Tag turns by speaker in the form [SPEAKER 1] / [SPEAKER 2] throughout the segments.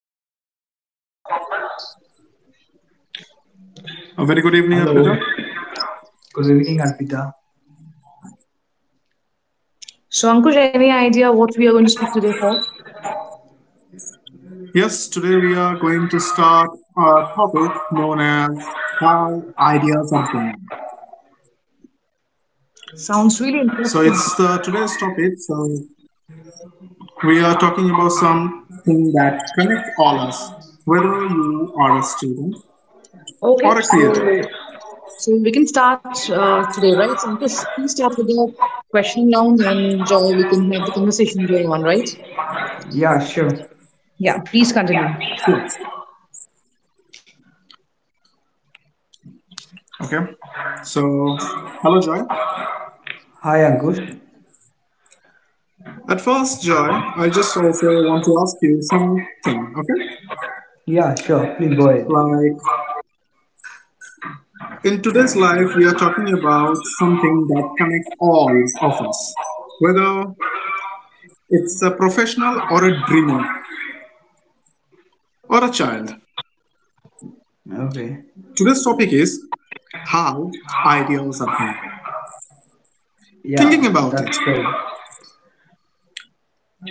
[SPEAKER 1] Joy with me for the podcast.
[SPEAKER 2] A very good evening,
[SPEAKER 3] Hello.
[SPEAKER 2] Arpita.
[SPEAKER 3] Good evening, Arpita.
[SPEAKER 1] So, Ankush, any idea what we are going to speak today for?
[SPEAKER 2] Yes, today we are going to start a topic known as how ideas are born.
[SPEAKER 1] Sounds really
[SPEAKER 2] So it's the
[SPEAKER 1] interesting.
[SPEAKER 2] today's topic. So we are talking about something that connects all us, whether you are a student or a
[SPEAKER 1] Okay,
[SPEAKER 2] creator.
[SPEAKER 1] so so we can start today, right? So, Ankush, we start with the question round, and Joy, we can have the conversation going on, right?
[SPEAKER 3] Yeah, sure.
[SPEAKER 1] Yeah, please continue.
[SPEAKER 2] Sure. Okay. So hello, Joy.
[SPEAKER 3] Hi, Ankush.
[SPEAKER 2] At first, Joy, I just also want to ask you something. Okay.
[SPEAKER 3] Yeah, sure. Please go ahead.
[SPEAKER 2] Like in today's life, we are talking about something that connects all of us, whether it's a professional or a dreamer or a child.
[SPEAKER 3] Okay.
[SPEAKER 2] Today's topic is how ideas are born. Thinking
[SPEAKER 3] Yeah,
[SPEAKER 2] about
[SPEAKER 3] that's
[SPEAKER 2] it,
[SPEAKER 3] great.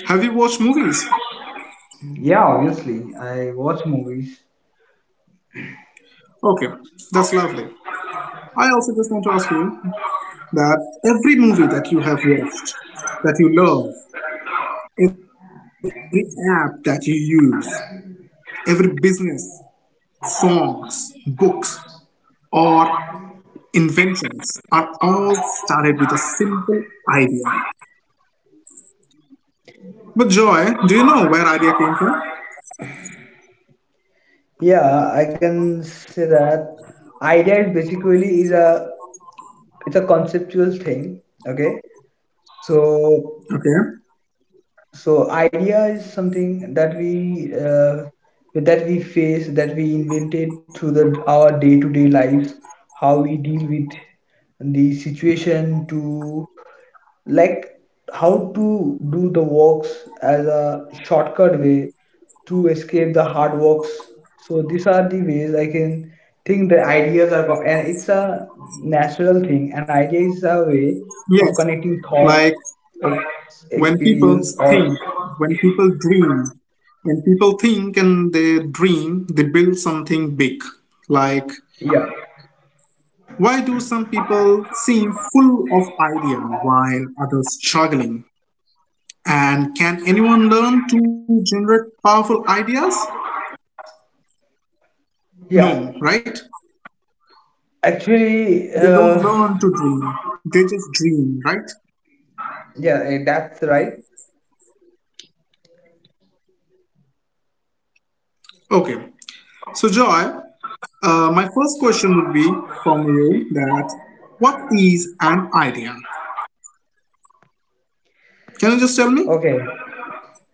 [SPEAKER 2] have you watched movies?
[SPEAKER 3] Yeah, obviously. I watch movies.
[SPEAKER 2] Okay, that's lovely. I also just want to ask you that every movie that you have watched, that you love, every app that you use, every business, songs, books, or inventions are all started with a simple idea. But Joy, do you know where idea came from?
[SPEAKER 3] Yeah, I can say that idea is basically is a it's a conceptual thing. Okay. So
[SPEAKER 2] Okay.
[SPEAKER 3] So idea is something that we face, that we invented through our day-to-day lives, how we deal with the situation to, like, how to do the works as a shortcut way to escape the hard works. So these are the ways I can think the ideas are, and it's a natural thing. An idea is a way of
[SPEAKER 2] Yes.
[SPEAKER 3] connecting thoughts,
[SPEAKER 2] Like when people
[SPEAKER 3] experience,
[SPEAKER 2] think,
[SPEAKER 3] or.
[SPEAKER 2] when people dream, when people think and they dream, they build something big. Like
[SPEAKER 3] Yeah,
[SPEAKER 2] why do some people seem full of idea while others struggling? And can anyone learn to generate powerful ideas?
[SPEAKER 3] yeah.
[SPEAKER 2] No, right?
[SPEAKER 3] Actually,
[SPEAKER 2] They don't learn to dream. They just dream, right?
[SPEAKER 3] yeah, that's right.
[SPEAKER 2] Okay. So, Joy, my first question would be from you that what is an idea? Can you just tell me?
[SPEAKER 3] Okay,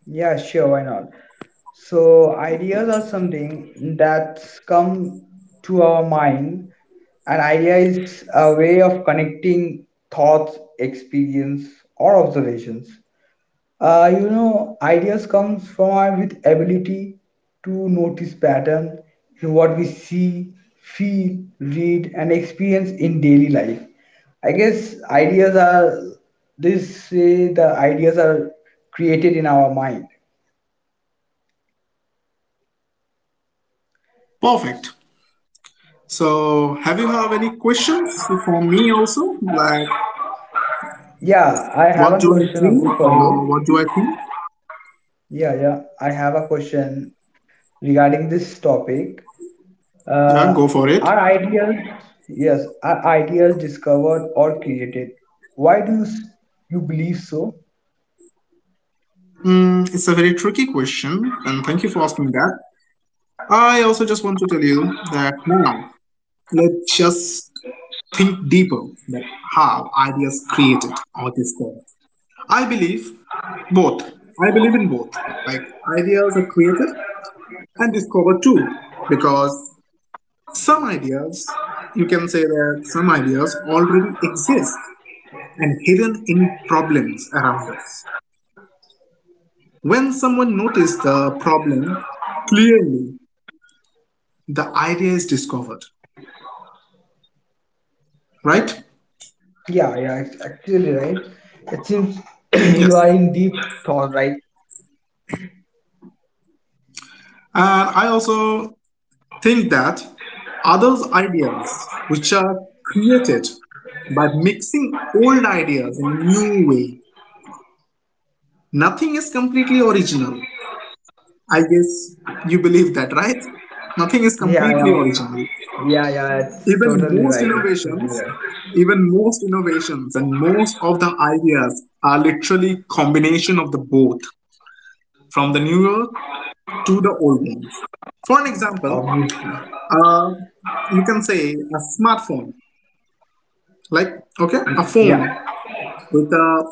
[SPEAKER 3] yeah, sure, why not? So, ideas are something that's come to our mind. An idea is a way of connecting thoughts, experience, or observations. Ideas comes from our with ability to notice pattern in what we see, feel, read, and experience in daily life. I guess ideas are, this say, the ideas are created in our mind.
[SPEAKER 2] Perfect. So, have you have any questions for me also? Like,
[SPEAKER 3] Yeah, I have one
[SPEAKER 2] what do I
[SPEAKER 3] question, Ankur,
[SPEAKER 2] dream
[SPEAKER 3] for you.
[SPEAKER 2] or what do I think?
[SPEAKER 3] Yeah, yeah, I have a question regarding this topic.
[SPEAKER 2] Yeah, go
[SPEAKER 3] Uh,
[SPEAKER 2] for it.
[SPEAKER 3] are ideas, yes, are ideas discovered or created? Why do you believe so?
[SPEAKER 2] Mm, it's a very tricky question, and thank you for asking that. I also just want to tell you that now, let's just think deeper that how ideas created or discovered. I believe both. I believe in both. Like ideas are created and discovered too. Because some ideas, you can say that some ideas already exist and hidden in problems around us. When someone notices the problem clearly, the idea is discovered, right?
[SPEAKER 3] Yeah, yeah, it's actually right. It seems
[SPEAKER 2] Yes.
[SPEAKER 3] you are in deep thought, right?
[SPEAKER 2] And I also think that others' ideas, which are created by mixing old ideas in a new way, nothing is completely original. I guess you believe that, right? Nothing is
[SPEAKER 3] Yeah,
[SPEAKER 2] completely
[SPEAKER 3] yeah,
[SPEAKER 2] original.
[SPEAKER 3] yeah, yeah, it's
[SPEAKER 2] Even
[SPEAKER 3] totally
[SPEAKER 2] most
[SPEAKER 3] right. It's totally
[SPEAKER 2] innovations,
[SPEAKER 3] right.
[SPEAKER 2] Even most innovations and most of the ideas are literally combination of the both from the newer to the old ones. For an example,
[SPEAKER 3] Obviously,
[SPEAKER 2] uh, you can say a smartphone. Like, okay, a
[SPEAKER 3] yeah,
[SPEAKER 2] phone with a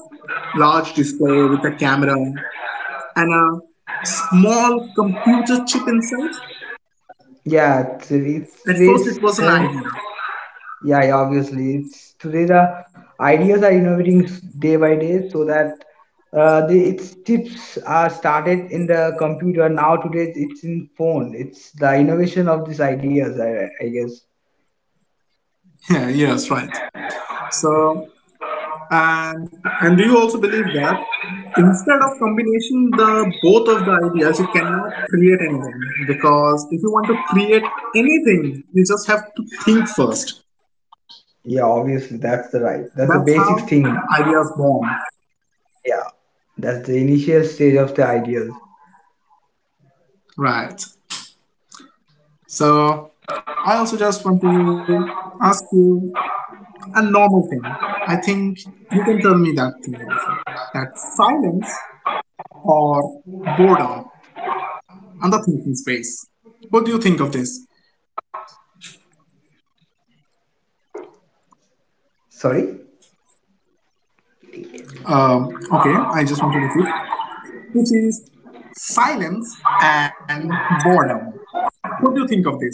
[SPEAKER 2] large display, with a camera, and a small computer chip inside.
[SPEAKER 3] yeah. It's,
[SPEAKER 2] At first,
[SPEAKER 3] it's
[SPEAKER 2] it was an
[SPEAKER 3] phone.
[SPEAKER 2] idea.
[SPEAKER 3] Yeah, yeah, obviously. It's today the ideas are innovating day by day, so that the its chips are started in the computer. Now today it's in phone. It's the innovation of these ideas, I guess.
[SPEAKER 2] Yeah, yes, right. So, and and do you also believe that instead of combination the both of the ideas, you cannot create anything because if you want to create anything, you just have to think first.
[SPEAKER 3] Yeah, obviously that's the right. That's the
[SPEAKER 2] That's
[SPEAKER 3] basic
[SPEAKER 2] how
[SPEAKER 3] thing.
[SPEAKER 2] ideas born.
[SPEAKER 3] Yeah, that's the initial stage of the ideas.
[SPEAKER 2] Right. So I also just want to ask you a normal thing. I think you can tell me that thing also. That silence or boredom and the thinking space. What do you think of this?
[SPEAKER 3] Sorry?
[SPEAKER 2] Okay, I just want to repeat, which is silence and boredom. What do you think of this?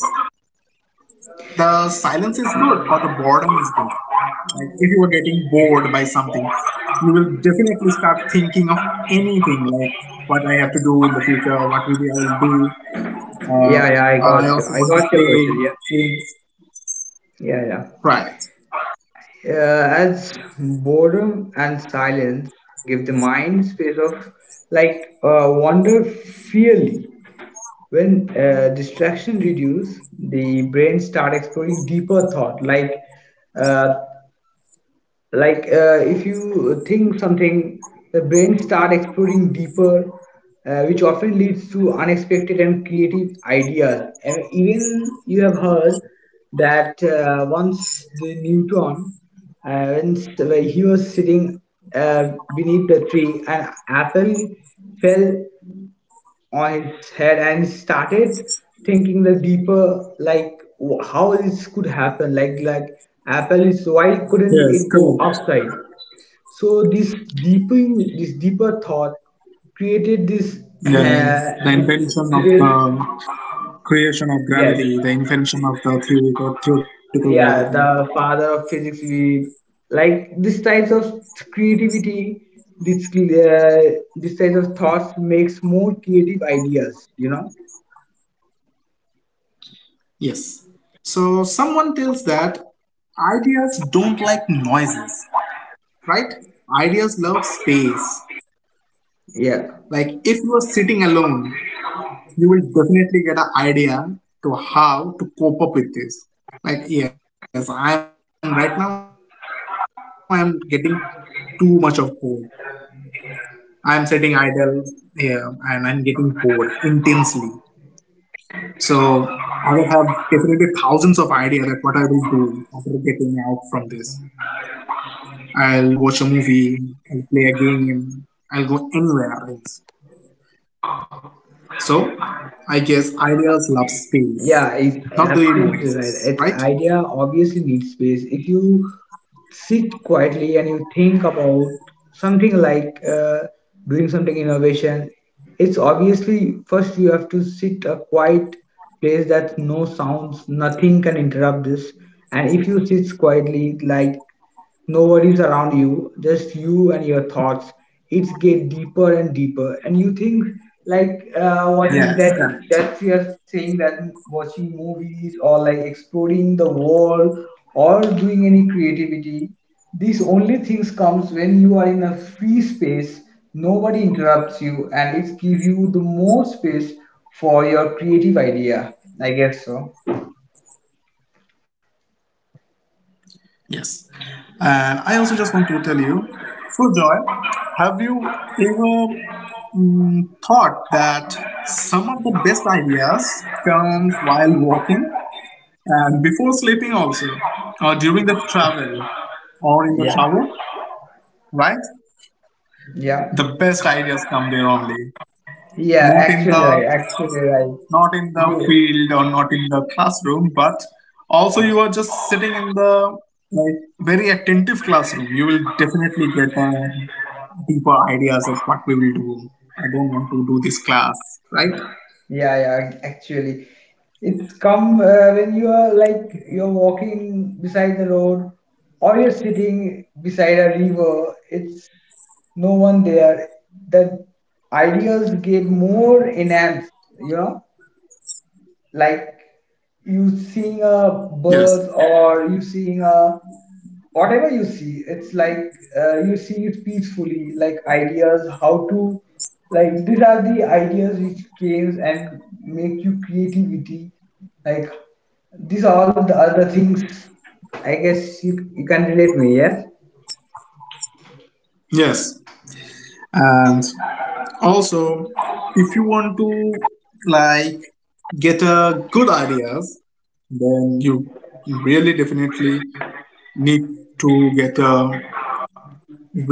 [SPEAKER 2] The silence is good or the boredom is good? Like if you were getting bored by something, you will definitely start thinking of anything like what I have to do in the future, what will I do. Uh,
[SPEAKER 3] Yeah, yeah, I
[SPEAKER 2] I
[SPEAKER 3] got you.
[SPEAKER 2] also
[SPEAKER 3] I
[SPEAKER 2] want to
[SPEAKER 3] got your question. Yeah,
[SPEAKER 2] play things.
[SPEAKER 3] yeah, yeah.
[SPEAKER 2] Right.
[SPEAKER 3] As boredom and silence give the mind space of, like, wander fearly. When distraction reduce, the brain start exploring deeper thought, uh like if you think something, the brain start exploring deeper, which often leads to unexpected and creative ideas. And even you have heard that once the Newton, when he was sitting uh, beneath the tree, an apple fell on his head, and he started thinking the deeper, like how this could happen, like apple is, why couldn't
[SPEAKER 2] Yes,
[SPEAKER 3] it go
[SPEAKER 2] correct.
[SPEAKER 3] upside. So this deeper thought created this,
[SPEAKER 2] Yes. The invention
[SPEAKER 3] this
[SPEAKER 2] of the
[SPEAKER 3] today's.
[SPEAKER 2] creation of
[SPEAKER 3] Yes,
[SPEAKER 2] gravity, the invention of the theory, the theoretical gravity.
[SPEAKER 3] yeah, the father of physics. We, like these types of creativity. This types of thoughts makes more creative ideas. You know,
[SPEAKER 2] Yes. So someone tells that ideas don't like noises, right? Ideas love space.
[SPEAKER 3] yeah.
[SPEAKER 2] Like if you are sitting alone, you will definitely get an idea to how to cope up with this. Like, yes, I am right now, I am getting too much of bored. I am sitting idle here and I'm getting bored intensely. So, I will have definitely thousands of ideas that what I will do after getting out from this. I'll do watch a movie, I'll play a game, I'll go anywhere else. So, I guess ideas love space, not the
[SPEAKER 3] Yeah, it's
[SPEAKER 2] noises, right?
[SPEAKER 3] absolutely right. Its idea obviously needs space. If you sit quietly and you think about something, like doing something innovation, it's obviously first you have to sit a quiet place that no sounds, nothing can interrupt this. And if you sit quietly, like no worries around you, just you and your thoughts. It's get deeper and deeper, and you think like
[SPEAKER 2] Yes,
[SPEAKER 3] watching that
[SPEAKER 2] correct.
[SPEAKER 3] that's your saying that watching movies or like exploring the world or doing any creativity. These only things comes when you are in a free space. Nobody interrupts you, and it give you the more space for your creative idea. I guess so.
[SPEAKER 2] Yes. And I also just want to tell you so, Joy, have you ever mm, thought that some of the best ideas comes while walking and before sleeping also, or during the travel, or in the
[SPEAKER 3] Yeah.
[SPEAKER 2] shower, right?
[SPEAKER 3] Yeah.
[SPEAKER 2] The best ideas come there only,
[SPEAKER 3] Yeah,
[SPEAKER 2] not in
[SPEAKER 3] actually right,
[SPEAKER 2] the
[SPEAKER 3] actually right.
[SPEAKER 2] field or not in the classroom but also you are just sitting in the like very attentive classroom you will definitely get deeper ideas of what we will do. I don't want to do this class, right?
[SPEAKER 3] Yeah, yeah, actually. It's come when you are, like, you're walking beside the road or you're sitting beside a river, it's no one there. The ideas get more enhanced, you know, like you seeing a
[SPEAKER 2] Yes.
[SPEAKER 3] bird or you seeing a whatever you see, it's like you see it peacefully, like ideas how to, like these are the ideas which came and make you creativity, like these are all the other things. I guess you can relate me. Yes.
[SPEAKER 2] yes and also if you want to like get a good ideas then you really definitely need to get a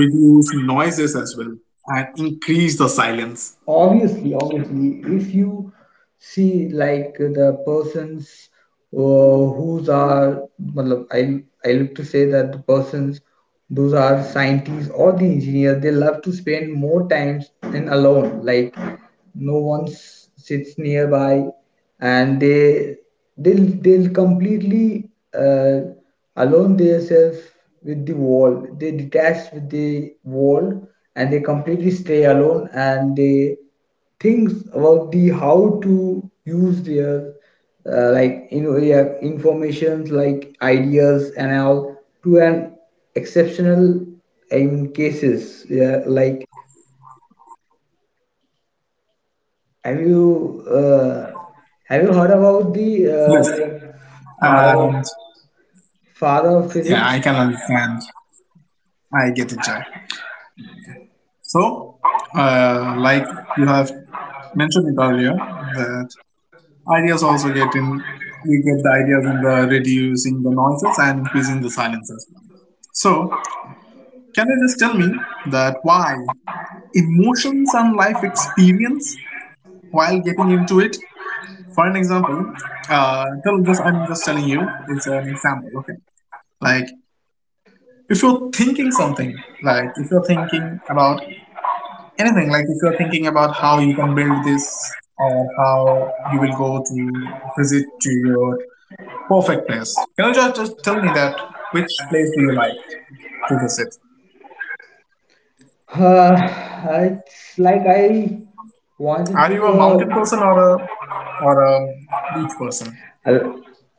[SPEAKER 2] reduce noises as well and increase the silence.
[SPEAKER 3] Obviously, if you see, like the persons whose are matlab, I look to say that the persons those are scientists or the engineer, they love to spend more times in alone, like no one sits nearby, and they'll completely alone themselves with the wall. They detach with the wall, and they completely stay alone, and they think about the how to use their like you know yeah, informations, like ideas and all, to an exceptional in cases, yeah, like. Have you uh, have you heard about the
[SPEAKER 2] Yes.
[SPEAKER 3] like father of
[SPEAKER 2] And
[SPEAKER 3] father of
[SPEAKER 2] yeah, I
[SPEAKER 3] physics?
[SPEAKER 2] can understand. I get it, Jai. So, like you have mentioned it earlier, that ideas also get in, we get the ideas in the reducing the noises and increasing the silence as well. So, can you just tell me that why emotions and life experience while getting into it? For an example, tell just I'm just telling you it's an example. Okay, like if you're thinking something, like if you're thinking about anything, like if you're thinking about how you can build this or how you will go to visit to your perfect place, can you just, tell me that which place do you like to visit?
[SPEAKER 3] Uh, it's like I wanted
[SPEAKER 2] Are you a mountain person or a or a beach person?
[SPEAKER 3] uh,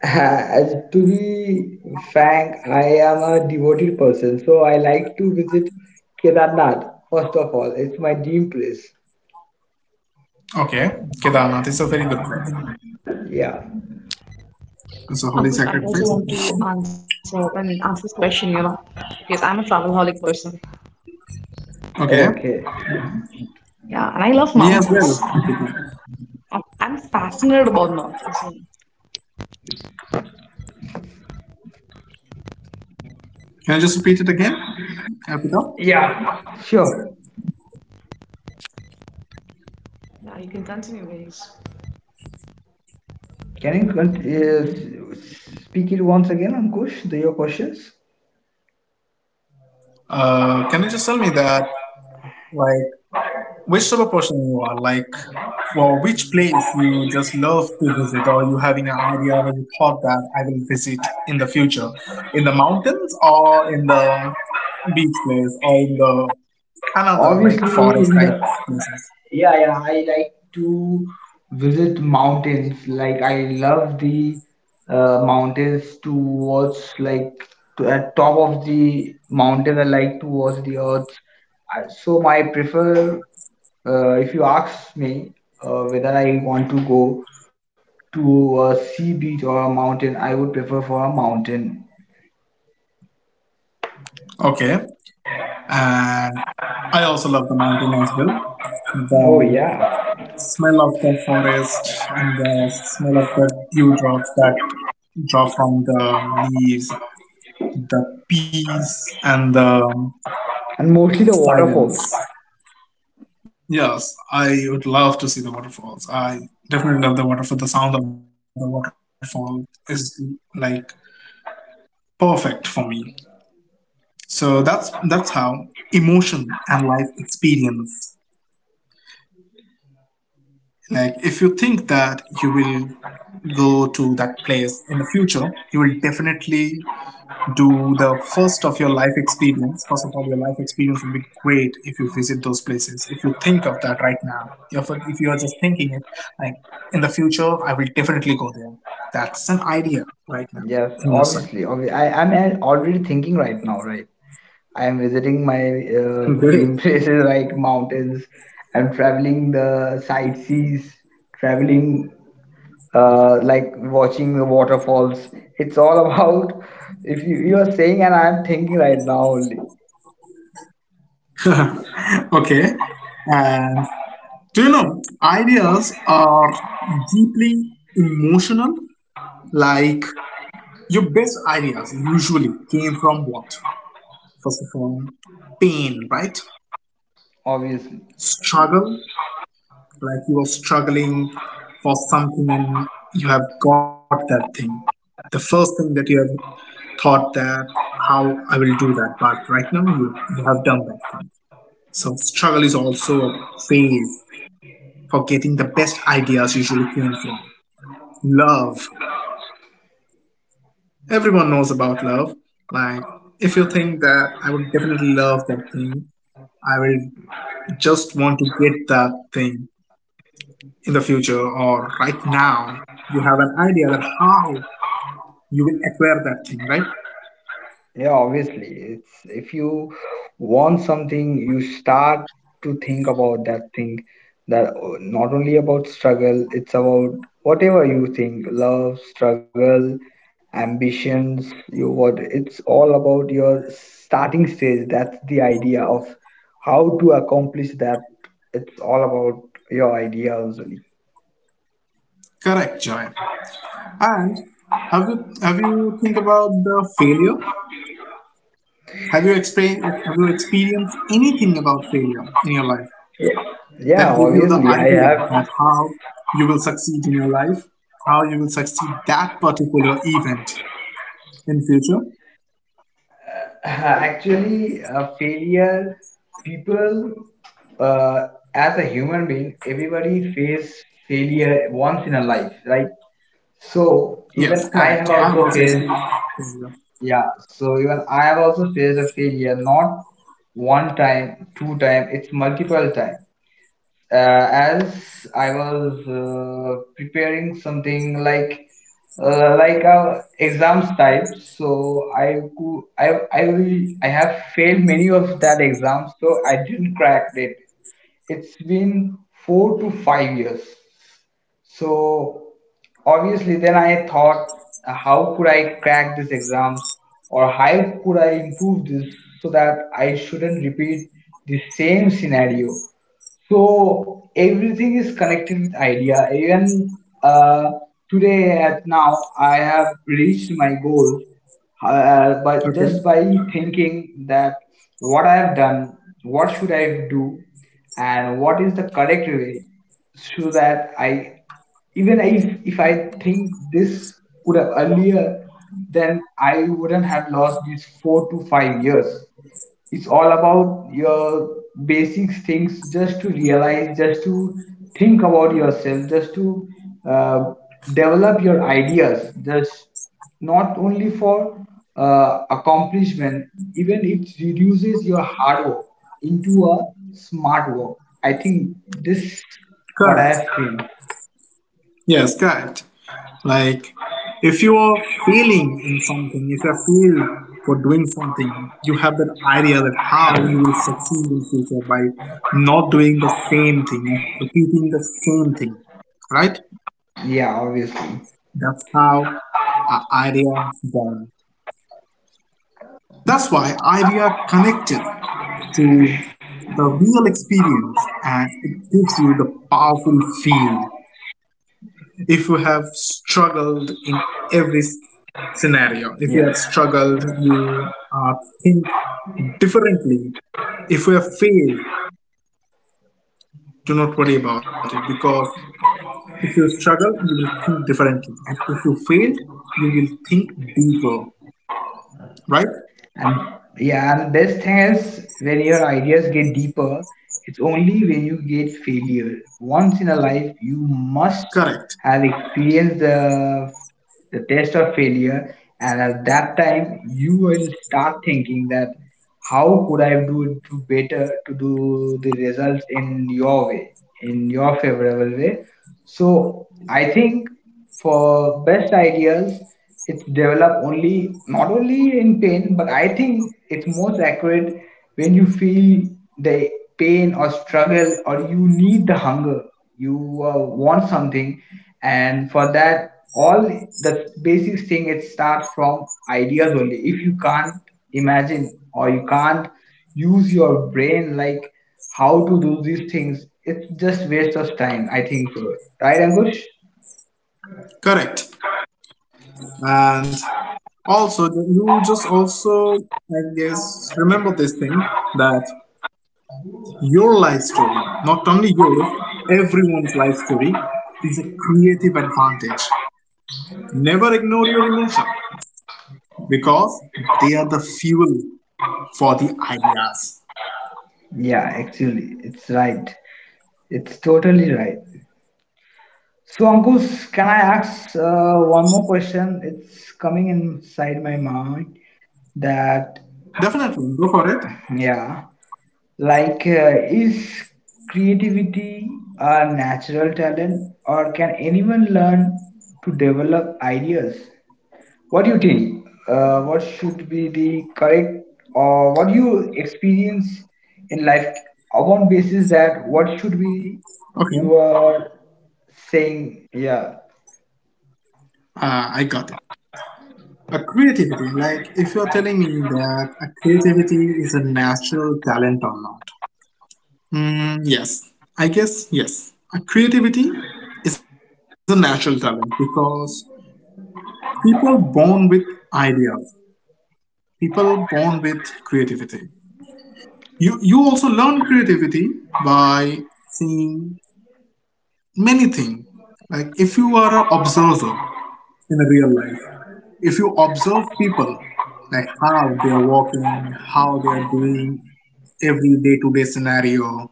[SPEAKER 3] uh, to be frank. I am a devoted person, so I like to visit Kedarnath. First of all, it's my dream place.
[SPEAKER 2] Okay, Kedarnath is a very good place.
[SPEAKER 3] Yeah.
[SPEAKER 2] It's a holy
[SPEAKER 1] Ankush,
[SPEAKER 2] sacred
[SPEAKER 1] I also
[SPEAKER 2] place.
[SPEAKER 1] want to answer, I mean, answer this question, you know, because I'm a travelholic person.
[SPEAKER 2] Okay,
[SPEAKER 3] Okay.
[SPEAKER 1] Yeah, and I love
[SPEAKER 2] me as
[SPEAKER 1] mountains.
[SPEAKER 2] well.
[SPEAKER 1] I'm,
[SPEAKER 2] Okay,
[SPEAKER 1] I'm I'm fascinated about mountains. And
[SPEAKER 2] can you just repeat it again, Arpita?
[SPEAKER 3] Sure.
[SPEAKER 1] yeah, you can continue, guys.
[SPEAKER 3] Can you speak it once again, Ankush? The your questions.
[SPEAKER 2] Can you just tell me that, like, which type of person you are? Like, for which place you just love to visit, or you having an idea or you thought that I will visit in the future, in the mountains or in the beach place or in the another like
[SPEAKER 3] Obviously, in
[SPEAKER 2] forest
[SPEAKER 3] the
[SPEAKER 2] type places.
[SPEAKER 3] yeah, yeah, I like to visit mountains. Like I love the mountains to watch. Like to, at top of the mountains, I like to watch the earth. So my prefer, if you ask me whether I want to go to a sea beach or a mountain, I would prefer for a mountain.
[SPEAKER 2] Okay, and I also love the mountain as well.
[SPEAKER 3] Oh
[SPEAKER 2] The
[SPEAKER 3] yeah,
[SPEAKER 2] smell of the forest and the smell of the dewdrops that draw from the leaves, the peace, and the
[SPEAKER 3] and mostly the
[SPEAKER 2] silence.
[SPEAKER 3] waterfalls.
[SPEAKER 2] Yes, I would love to see the waterfalls. I definitely love the waterfall. The sound of the waterfall is like perfect for me. So that's how emotion and life experience. Like if you think that you will go to that place in the future, you will definitely do the first of your life experience. First of all, your life experience would be great if you visit those places. If you think of that right now, if, you are just thinking it, like in the future, I will definitely go there. That's an idea right now in your side.
[SPEAKER 3] Yes, obviously. I'm already thinking right now, right? I am visiting my
[SPEAKER 2] Great.
[SPEAKER 3] dream places like mountains. I'm traveling the sightsees, traveling like watching the waterfalls. It's all about if you are saying and I'm thinking right now only,
[SPEAKER 2] Okay. And do you know ideas are deeply emotional? Like your best ideas usually came from what? First of all, pain, right?
[SPEAKER 3] obviously.
[SPEAKER 2] Struggle, like you were struggling for something and you have got that thing. The first thing that you have thought that how I will do that but right now you, have done that thing. So struggle is also a phase for getting the best ideas usually came from love. Everyone knows about love. Like if you think that I would definitely love that thing, I will just want to get that thing in the future or right now you have an idea that how you will acquire that thing, right?
[SPEAKER 3] Yeah, obviously. It's if you want something, you start to think about that thing that not only about struggle, it's about whatever you think, love, struggle, ambitions, you what, it's all about your starting stage. That's the idea of how to accomplish that. It's all about your ideas.
[SPEAKER 2] Correct, Joy. And have you think about the failure? Have you have you experienced anything about failure in your life that
[SPEAKER 3] Yeah,
[SPEAKER 2] give you the
[SPEAKER 3] obviously, I
[SPEAKER 2] idea
[SPEAKER 3] have.
[SPEAKER 2] that how you will succeed in your life, how you will succeed that particular event in future?
[SPEAKER 3] Actually, failure, people, uh, as a human being, everybody face failure once in a life, right? So
[SPEAKER 2] Yes,
[SPEAKER 3] even I
[SPEAKER 2] correct.
[SPEAKER 3] have
[SPEAKER 2] I have
[SPEAKER 3] also
[SPEAKER 2] also
[SPEAKER 3] faced,
[SPEAKER 2] experienced failure.
[SPEAKER 3] yeah. So even I have also faced a failure, not one time, two time. It's multiple time as I was preparing something like a exams type, so I cou- I will I have failed many of that exams, so I didn't crack it. It's been 4 to 5 years. So obviously, then I thought, how could I crack these exams, or how could I improve this so that I shouldn't repeat the same scenario? So everything is connected with idea. Even uh, today at now, I have reached my goal, but just
[SPEAKER 2] Okay,
[SPEAKER 3] by thinking that what I have done, what should I do, and what is the correct way, so that I, even if I think this would have earlier, then I wouldn't have lost these 4 to 5 years. It's all about your basic things, just to realize, just to think about yourself, just to uh, develop your ideas, just not only for accomplishment. Even it reduces your hard work into a smart work. I think this what I
[SPEAKER 2] correct.
[SPEAKER 3] have seen.
[SPEAKER 2] Yes, correct. Like, if you are failing in something, if you fail for doing something, you have that idea that how you will succeed in future by not doing the same thing, not repeating the same thing, right?
[SPEAKER 3] Yeah, obviously.
[SPEAKER 2] That's how our idea born. That's why idea connected to the real experience and it gives you the powerful feel if you have struggled in every scenario, if you
[SPEAKER 3] Yeah.
[SPEAKER 2] have struggled, you think differently. If you have failed, do not worry about it because if you struggle, you will think differently. And if you failed, you will think deeper, right?
[SPEAKER 3] And, yeah, and best thing is when your ideas get deeper, it's only when you get failure. Once in a life, you must
[SPEAKER 2] Correct,
[SPEAKER 3] have experienced the test of failure, and at that time, you will start thinking that how could I do it to better, to do the results in your way, in your favorable way. So I think for best ideas, it's developed only not only in pain, but I think it's most accurate when you feel the pain or struggle, or you need the hunger, you want something, and for that all the basic thing, it starts from ideas only. If you can't imagine or you can't use your brain, like how to do these things, it's just waste of time, I think so, right, Angush?
[SPEAKER 2] correct. And also, you just also, I guess, remember this thing that your life story, not only yours, everyone's life story, is a creative advantage. Never ignore your emotion because they are the fuel for the ideas.
[SPEAKER 3] Yeah, actually it's right. It's totally right. So, Ankush, can I ask one more question? It's coming inside my mind that,
[SPEAKER 2] Definitely, go for it.
[SPEAKER 3] yeah, like, is creativity a natural talent, or can anyone learn to develop ideas? What do you think? What should be the correct or what you experience in life upon basis that what should be
[SPEAKER 2] Okay,
[SPEAKER 3] you are saying? Yeah,
[SPEAKER 2] I got it. A creativity, like if you're telling me that a creativity is a natural talent or not. Mm, yes, I guess yes. A creativity is a natural talent because people born with ideas, people born with creativity. You also learn creativity by seeing many things. Like if you are an observer in a real life, if you observe people, like how they are walking, how they are doing every day to day scenario,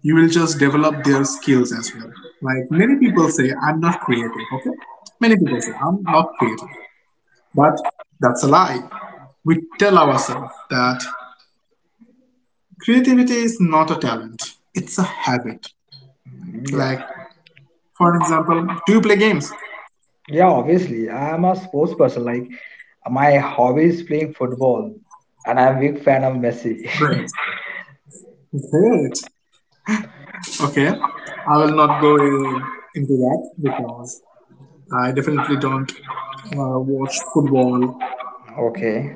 [SPEAKER 2] you will just develop their skills as well. Like many people say, I'm not creative. Okay, many people say I'm not creative, but that's a lie. We tell ourselves that creativity is not a talent, it's a habit. Like,
[SPEAKER 3] yeah,
[SPEAKER 2] for example, do you play games?
[SPEAKER 3] yeah. Obviously, I am a sports person. Like my hobby is playing football, and I'm a big fan of Messi.
[SPEAKER 2] Great. Great. Okay. I will not go into that because I definitely don't watch football
[SPEAKER 3] Okay.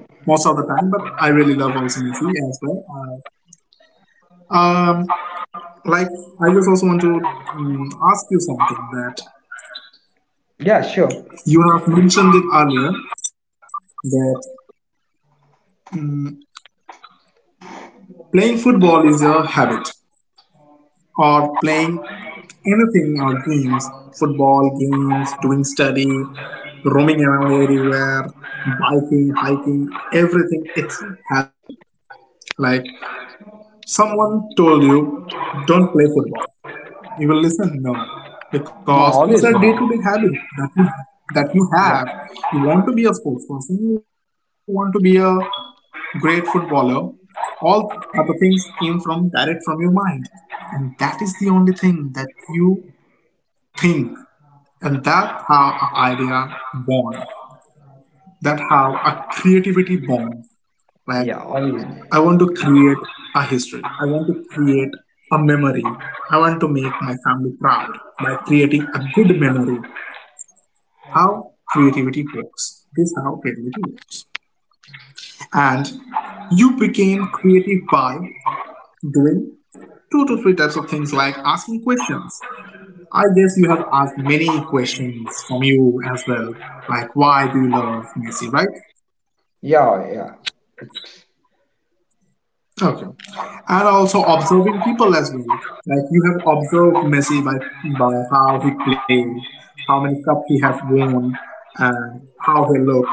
[SPEAKER 2] most of the time, but I really love also Messi as well. Um, like, I just also want to mm, ask you something that
[SPEAKER 3] Yeah, sure.
[SPEAKER 2] you have mentioned it earlier that mm, playing football is a habit, or playing anything or games, football games, doing study, roaming around everywhere, biking, hiking, everything. It's a habit. Like someone told you, don't play football. You will listen no,
[SPEAKER 3] No,
[SPEAKER 2] because it's a
[SPEAKER 3] obviously. Man.
[SPEAKER 2] day-to-day habit that you
[SPEAKER 3] Yeah,
[SPEAKER 2] have. You want to be a sports person. You want to be a great footballer. All other things came from direct from your mind, and that is the only thing that you think, and that's how an idea born, that how a creativity born. Like
[SPEAKER 3] yeah,
[SPEAKER 2] I
[SPEAKER 3] obviously.
[SPEAKER 2] want to create a history, I want to create a memory, I want to make my family proud by creating a good memory. How creativity works, this is how creativity works. And you became creative by doing two to three types of things, like asking questions. I guess you have asked many questions from you as well, like why do you love Messi, right?
[SPEAKER 3] Yeah, yeah. It's-
[SPEAKER 2] Okay. And also observing people as well. Like you have observed Messi by how he played, how many cup he have won, and how he look,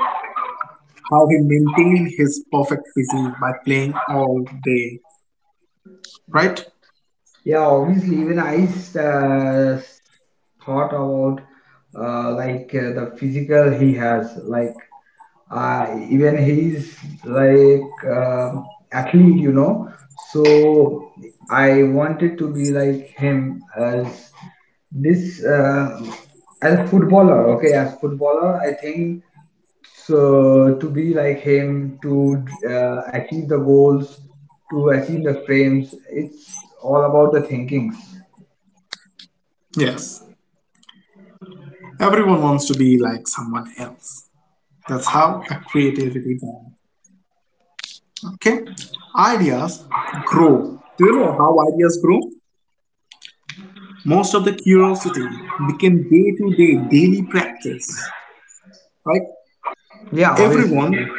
[SPEAKER 2] how he maintained his perfect physique by playing all day.
[SPEAKER 3] yeah.
[SPEAKER 2] Right?
[SPEAKER 3] Yeah, obviously, even I uh, thought about like the physical he has. Like, even he's like athlete. So I wanted to be like him as this as a footballer. Okay, as footballer, I think so, to be like him, to achieve the goals, to achieve the frames, it's all about the thinkings.
[SPEAKER 2] Yes. Everyone wants to be like someone else. That's how a creativity grows. Okay? Ideas grow. Do you know how ideas grow? Most of the curiosity became day to day, daily practice. Right?
[SPEAKER 3] Yeah, obviously.
[SPEAKER 2] everyone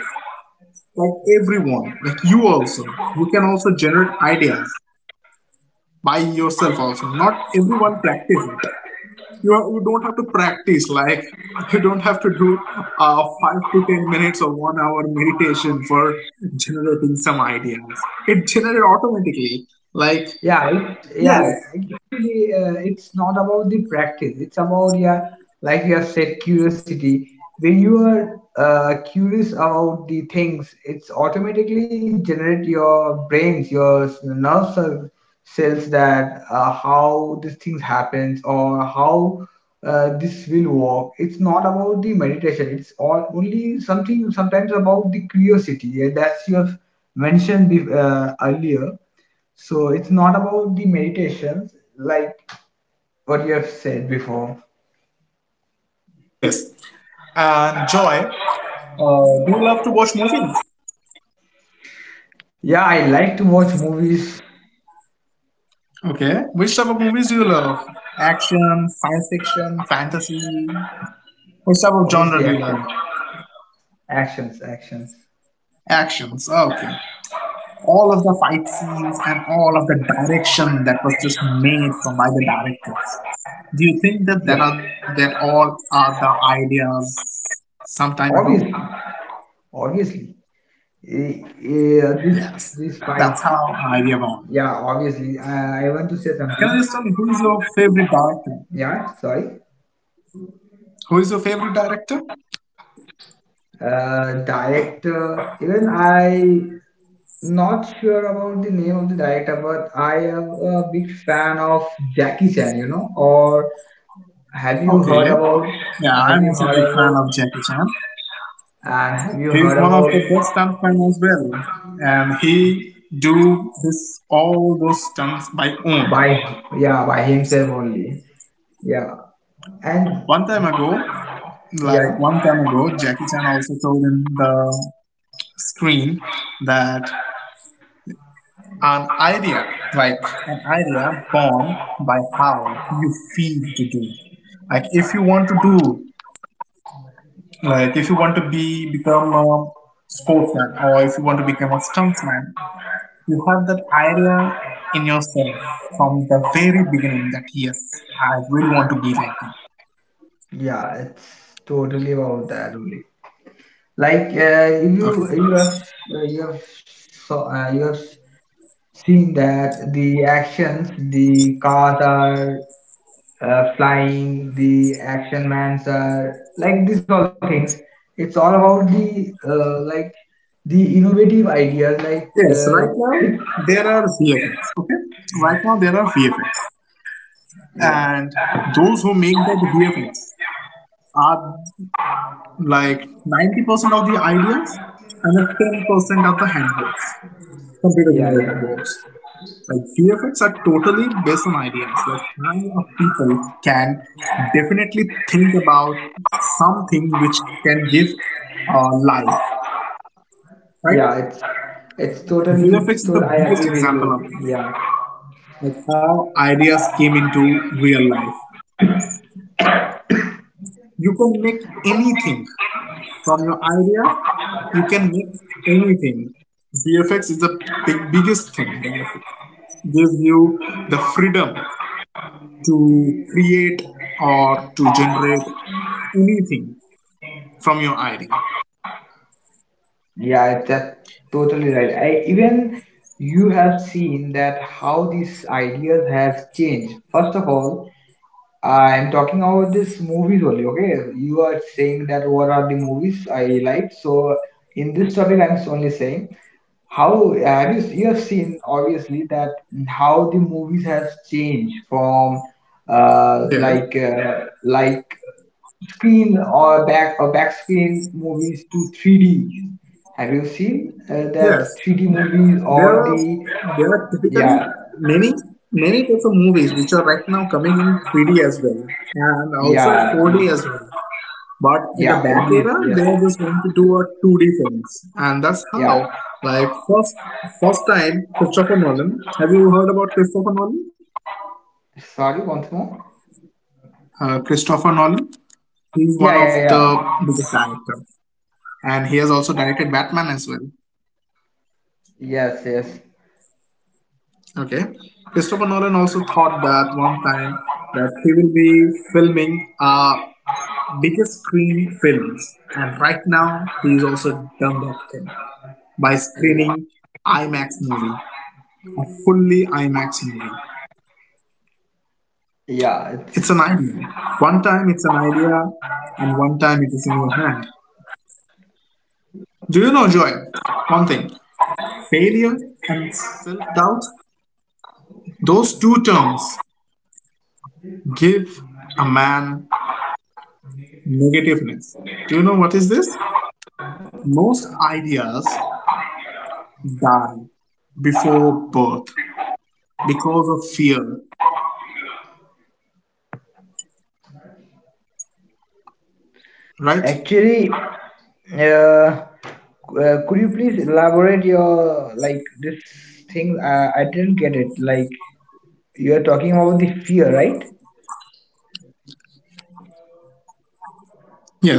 [SPEAKER 2] everyone, like you also, you can also generate ideas by yourself also. Not everyone practice it. You don't have to practice, like you don't have to do 5 to 10 minutes or 1 hour meditation for generating some ideas. It generates automatically, like.
[SPEAKER 3] yeah it,
[SPEAKER 2] Yes,
[SPEAKER 3] yeah actually, it's not about the practice. It's about, yeah, like you have said, curiosity. When you are curious about the things, it's automatically generate your brains, your nerve cells, that how this things happens or how this will work. It's not about the meditation. It's all, only something sometimes, about the curiosity, and that's you have mentioned earlier. So it's not about the meditations, like, what you have said before.
[SPEAKER 2] yes. And Joy, do you love to watch movies?
[SPEAKER 3] Yeah, I like to watch movies.
[SPEAKER 2] Okay, which type of movies do you love? Action, science fiction, fantasy? What type of genre do
[SPEAKER 3] Obviously,
[SPEAKER 2] you love?
[SPEAKER 3] action, actions, actions.
[SPEAKER 2] Actions. Okay. All of the fight scenes and all of the direction that was just made from by the directors. Do you think that that
[SPEAKER 3] Yeah,
[SPEAKER 2] are that all are the ideas some time ago?
[SPEAKER 3] obviously, obviously.
[SPEAKER 2] Yes.
[SPEAKER 3] This
[SPEAKER 2] That's
[SPEAKER 3] fine.
[SPEAKER 2] how idea born.
[SPEAKER 3] Yeah, obviously. I want to say
[SPEAKER 2] Can I
[SPEAKER 3] something.
[SPEAKER 2] just tell you who is your favorite director?
[SPEAKER 3] Yeah, sorry.
[SPEAKER 2] Who is your favorite director?
[SPEAKER 3] Director. Even I not sure about the name of the director, but I am a big fan of Jackie Chan. You know? Or have you
[SPEAKER 2] Okay.
[SPEAKER 3] heard about?
[SPEAKER 2] Yeah,
[SPEAKER 3] Have
[SPEAKER 2] I'm
[SPEAKER 3] you
[SPEAKER 2] also a
[SPEAKER 3] heard
[SPEAKER 2] big fan
[SPEAKER 3] about?
[SPEAKER 2] of Jackie Chan.
[SPEAKER 3] And have you
[SPEAKER 2] He is
[SPEAKER 3] heard
[SPEAKER 2] one of
[SPEAKER 3] about?
[SPEAKER 2] the best stuntmen as well, and he do this all those stunts by own.
[SPEAKER 3] By, yeah, by himself only. Yeah, and
[SPEAKER 2] One time ago, like
[SPEAKER 3] yeah,
[SPEAKER 2] one time ago, Jackie Chan also told in the screen that an idea, like an idea born by how you feel to do. Like if you want to do, like if you want to be become a sportsman, or if you want to become a stuntsman, you have that idea in yourself from the very beginning that yes, I really want to be like them.
[SPEAKER 3] yeah. It's totally about that only. Like,
[SPEAKER 2] Okay.
[SPEAKER 3] you have, so, you have seen that the actions, the cars are flying, the action mans are, like, these all things. It's all about the like, the innovative ideas. Like
[SPEAKER 2] Yes, right now there are VFX. Okay. Right now there are VFX.
[SPEAKER 3] yeah,
[SPEAKER 2] And those who make that VFX are like 90% of the ideas and the 10% of the handbooks, computer
[SPEAKER 3] yeah,
[SPEAKER 2] generated
[SPEAKER 3] yeah.
[SPEAKER 2] books. Like VFX are totally based on ideas. Like how a people can definitely think about something which can give life, right?
[SPEAKER 3] Yeah, it's totally.
[SPEAKER 2] VFX is the
[SPEAKER 3] I agree
[SPEAKER 2] biggest
[SPEAKER 3] with you.
[SPEAKER 2] example of this.
[SPEAKER 3] Yeah,
[SPEAKER 2] Like how ideas came into real life. You can make anything from your idea. You can make anything. VFX is the biggest thing that gives you the freedom to create or to generate anything from your idea.
[SPEAKER 3] yeah. It's, that's totally right. I even You have seen that how these ideas have changed. First of all, I'm talking about this movies only, okay? You are saying that what are the movies I like. So in this topic, I'm only saying how have you you have seen obviously that how the movies has changed from uh,
[SPEAKER 2] Yes.
[SPEAKER 3] like uh, like screen or back screen movies to 3D. Have you seen that
[SPEAKER 2] Yes,
[SPEAKER 3] 3D movies
[SPEAKER 2] there
[SPEAKER 3] or
[SPEAKER 2] are,
[SPEAKER 3] the?
[SPEAKER 2] there are typically
[SPEAKER 3] Yeah,
[SPEAKER 2] many many types of movies which are right now coming in 3D as well and also as 4D as
[SPEAKER 3] yeah,
[SPEAKER 2] well. But in the
[SPEAKER 3] yeah,
[SPEAKER 2] back
[SPEAKER 3] yes,
[SPEAKER 2] era,
[SPEAKER 3] yes,
[SPEAKER 2] they are just going to do a 2D films, and that's
[SPEAKER 3] yeah.
[SPEAKER 2] how. Like first time, Christopher Nolan. Have you heard about Christopher Nolan?
[SPEAKER 3] Sorry, once more.
[SPEAKER 2] Christopher Nolan. He's one
[SPEAKER 3] Yeah, yeah,
[SPEAKER 2] of
[SPEAKER 3] yeah.
[SPEAKER 2] the biggest director, and he has also directed Batman as well.
[SPEAKER 3] Yes, yes.
[SPEAKER 2] Okay. Christopher Nolan also thought that one time that he will be filming biggest screen films, and right now he's also done that thing by
[SPEAKER 3] Yeah,
[SPEAKER 2] screening IMAX movie, a fully IMAX movie.
[SPEAKER 3] yeah.
[SPEAKER 2] It's
[SPEAKER 3] It's
[SPEAKER 2] an idea. One time it's an idea, and one time it is in your hand. Do you know, Joy? One thing: failure and self-doubt. Those two terms give a man negativeness. Do you know what is this? Most ideas die before birth because of fear, right?
[SPEAKER 3] actually. Uh, uh, could you please elaborate your, like, this thing? I didn't get it. Like, you are talking about the fear, right?
[SPEAKER 2] Yes.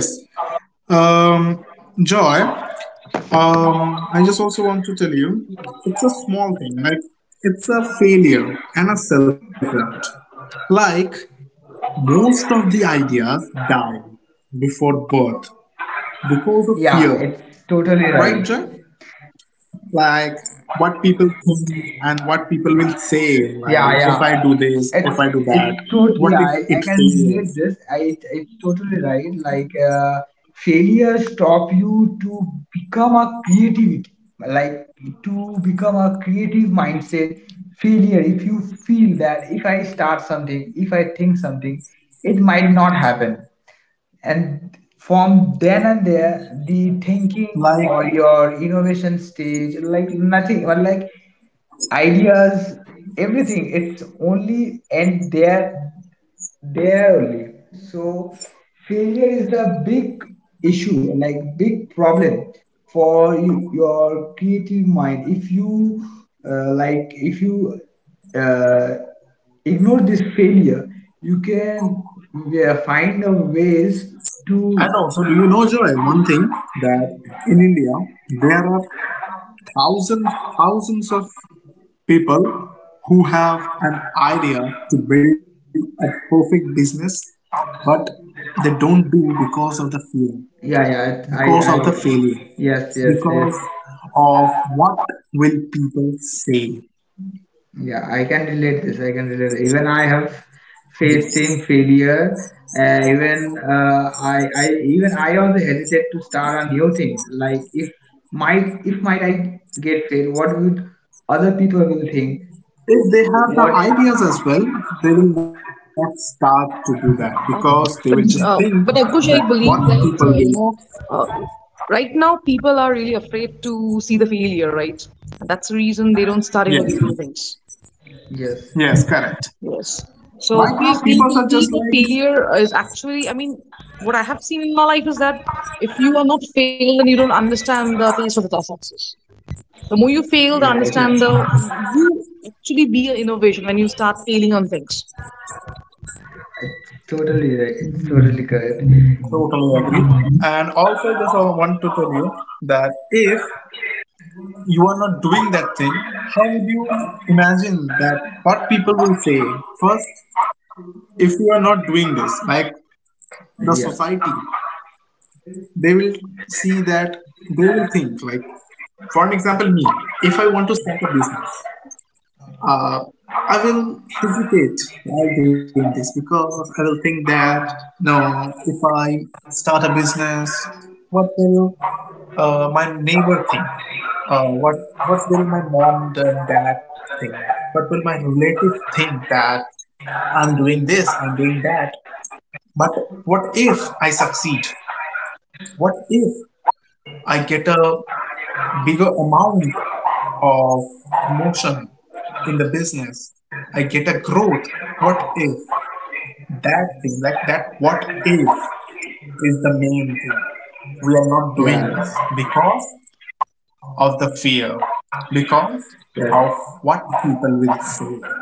[SPEAKER 2] Um, Joy, I just also want to tell you it's a small thing, like it's a failure and a self doubt. Like most of the ideas die before birth because of fear,
[SPEAKER 3] Yeah, it's totally
[SPEAKER 2] right,
[SPEAKER 3] right.
[SPEAKER 2] Joy? Like what people think and what people will say, like
[SPEAKER 3] Yeah,
[SPEAKER 2] if
[SPEAKER 3] yeah.
[SPEAKER 2] I do this, if
[SPEAKER 3] It's
[SPEAKER 2] I do that,
[SPEAKER 3] it's totally.
[SPEAKER 2] what
[SPEAKER 3] Yeah,
[SPEAKER 2] if
[SPEAKER 3] I
[SPEAKER 2] it
[SPEAKER 3] can relate
[SPEAKER 2] fails?
[SPEAKER 3] this. I it's totally right. Like failure stop you to become a creativity. Like, to become a creative mindset. Failure. If you feel that if I start something, if I think something, it might not happen. And from then and there, the thinking or
[SPEAKER 2] Like,
[SPEAKER 3] your innovation stage, like nothing, or like ideas, everything. It's only and there only. So failure is the big issue, like big problem for you, your creative mind. If you like, if you uh, ignore this failure, you can find a ways
[SPEAKER 2] and
[SPEAKER 3] to.
[SPEAKER 2] also do you know, Joy, one thing, that in India there are thousands, thousands of people who have an idea to build a perfect business, but they don't do because of the fear,
[SPEAKER 3] Yeah, yeah,
[SPEAKER 2] because of the failure,
[SPEAKER 3] yes, yes, yes.
[SPEAKER 2] because of what will people say.
[SPEAKER 3] Yeah, I can relate this. I can relate. Even I have faced same failure. Even I also hesitate to start a new thing. Like, if might I get failed, what would other people will think?
[SPEAKER 2] If they have the
[SPEAKER 3] What?
[SPEAKER 2] ideas as well, they will not start to do that because they
[SPEAKER 1] Uh,
[SPEAKER 2] will just
[SPEAKER 1] but
[SPEAKER 2] think
[SPEAKER 1] uh,
[SPEAKER 2] that
[SPEAKER 1] but
[SPEAKER 2] what
[SPEAKER 1] Ankush, I
[SPEAKER 2] people
[SPEAKER 1] believe that
[SPEAKER 2] will.
[SPEAKER 1] you know, uh, right now people are really afraid to see the failure, right? That's the reason they don't start
[SPEAKER 2] Yes,
[SPEAKER 1] innovating things.
[SPEAKER 3] Yes.
[SPEAKER 2] yes, correct.
[SPEAKER 1] Yes.
[SPEAKER 2] Right
[SPEAKER 1] So
[SPEAKER 2] now, people
[SPEAKER 1] because
[SPEAKER 2] are
[SPEAKER 1] we
[SPEAKER 2] just
[SPEAKER 1] believe that
[SPEAKER 2] like,
[SPEAKER 1] failure is actually, I mean, what I have seen in my life is that if you are not failed, then you don't understand the taste of the success. The more you fail, the
[SPEAKER 3] Yeah,
[SPEAKER 2] yes,
[SPEAKER 1] understand the you actually be an innovation when you start failing on things.
[SPEAKER 3] it's totally right. It's totally correct.
[SPEAKER 2] totally agree. And also, just I want to tell you that if you are not doing that thing, how would you imagine that what people will say? First, if you are not doing this, like the
[SPEAKER 3] Yeah.
[SPEAKER 2] society, they will see that, they will think like, for an example, me, if I want to start a business, uh, I will hesitate while doing this because I will think that no, if I start a business, what will my neighbor think? What what will my mom and dad think? What will my relative think that I'm doing this, I'm doing that? But what if I succeed? What if I get a bigger amount of motion in the business? I get a growth. What if that thing, like that, what if is the main thing? We are not doing
[SPEAKER 3] Yeah.
[SPEAKER 2] this because of the fear, because
[SPEAKER 3] Yes.
[SPEAKER 2] of what people will say.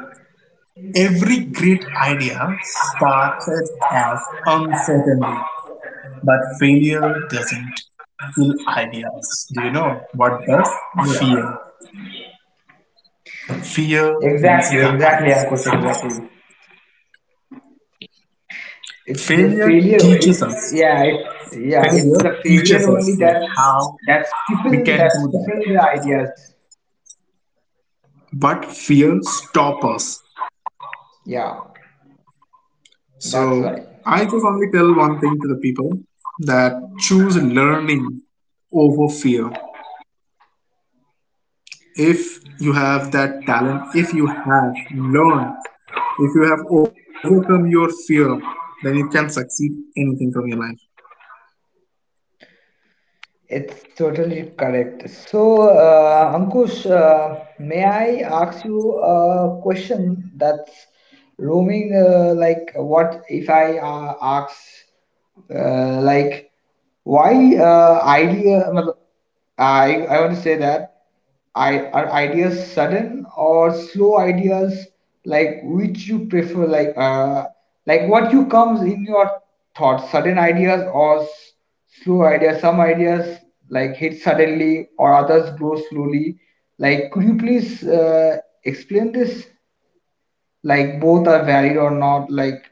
[SPEAKER 2] Every great idea started as uncertainty, but failure doesn't kill ideas. Do you know what does? Fear.
[SPEAKER 3] Yeah.
[SPEAKER 2] Fear
[SPEAKER 3] Exactly,
[SPEAKER 2] kills the
[SPEAKER 3] exactly, Ankush,
[SPEAKER 2] ideas.
[SPEAKER 3] exactly. It's the
[SPEAKER 2] failure
[SPEAKER 3] failure, it,
[SPEAKER 2] teaches us
[SPEAKER 3] yeah
[SPEAKER 2] Failure
[SPEAKER 3] it's the
[SPEAKER 2] teaches
[SPEAKER 3] failure
[SPEAKER 2] us
[SPEAKER 3] only
[SPEAKER 2] like
[SPEAKER 3] that
[SPEAKER 2] how
[SPEAKER 3] that
[SPEAKER 2] we can
[SPEAKER 3] stifle that
[SPEAKER 2] do
[SPEAKER 3] stifle
[SPEAKER 2] that,
[SPEAKER 3] the ideas.
[SPEAKER 2] but fear stop us.
[SPEAKER 3] Yeah,
[SPEAKER 2] So
[SPEAKER 3] that's right.
[SPEAKER 2] I just only tell one thing to the people, that choose learning over fear. If you have that talent, if you have learned, if you have overcome your fear, then you can succeed anything from your life.
[SPEAKER 3] It's totally correct. So, Ankush, may I ask you a question that's roaming? Like, what if I ask, like, why idea, I want to say that, are ideas sudden or slow ideas, like, which you prefer? Like like, what you comes in your thoughts? Sudden ideas or slow ideas? Some ideas like hit suddenly or others grow slowly. Like, could you please explain this? Like, both are valid or not? Like,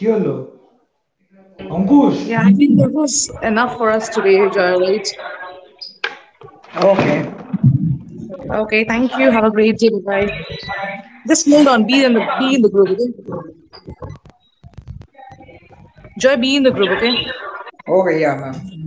[SPEAKER 3] Yolo. Ankush.
[SPEAKER 1] Yeah, I think that was enough for us today, Joy, right?
[SPEAKER 3] Okay.
[SPEAKER 1] Okay, thank you. Have a great day. Bye bye. Just hold on. Be in the group. Okay? Joy, be in the group. Okay.
[SPEAKER 3] Okay, yeah, ma'am.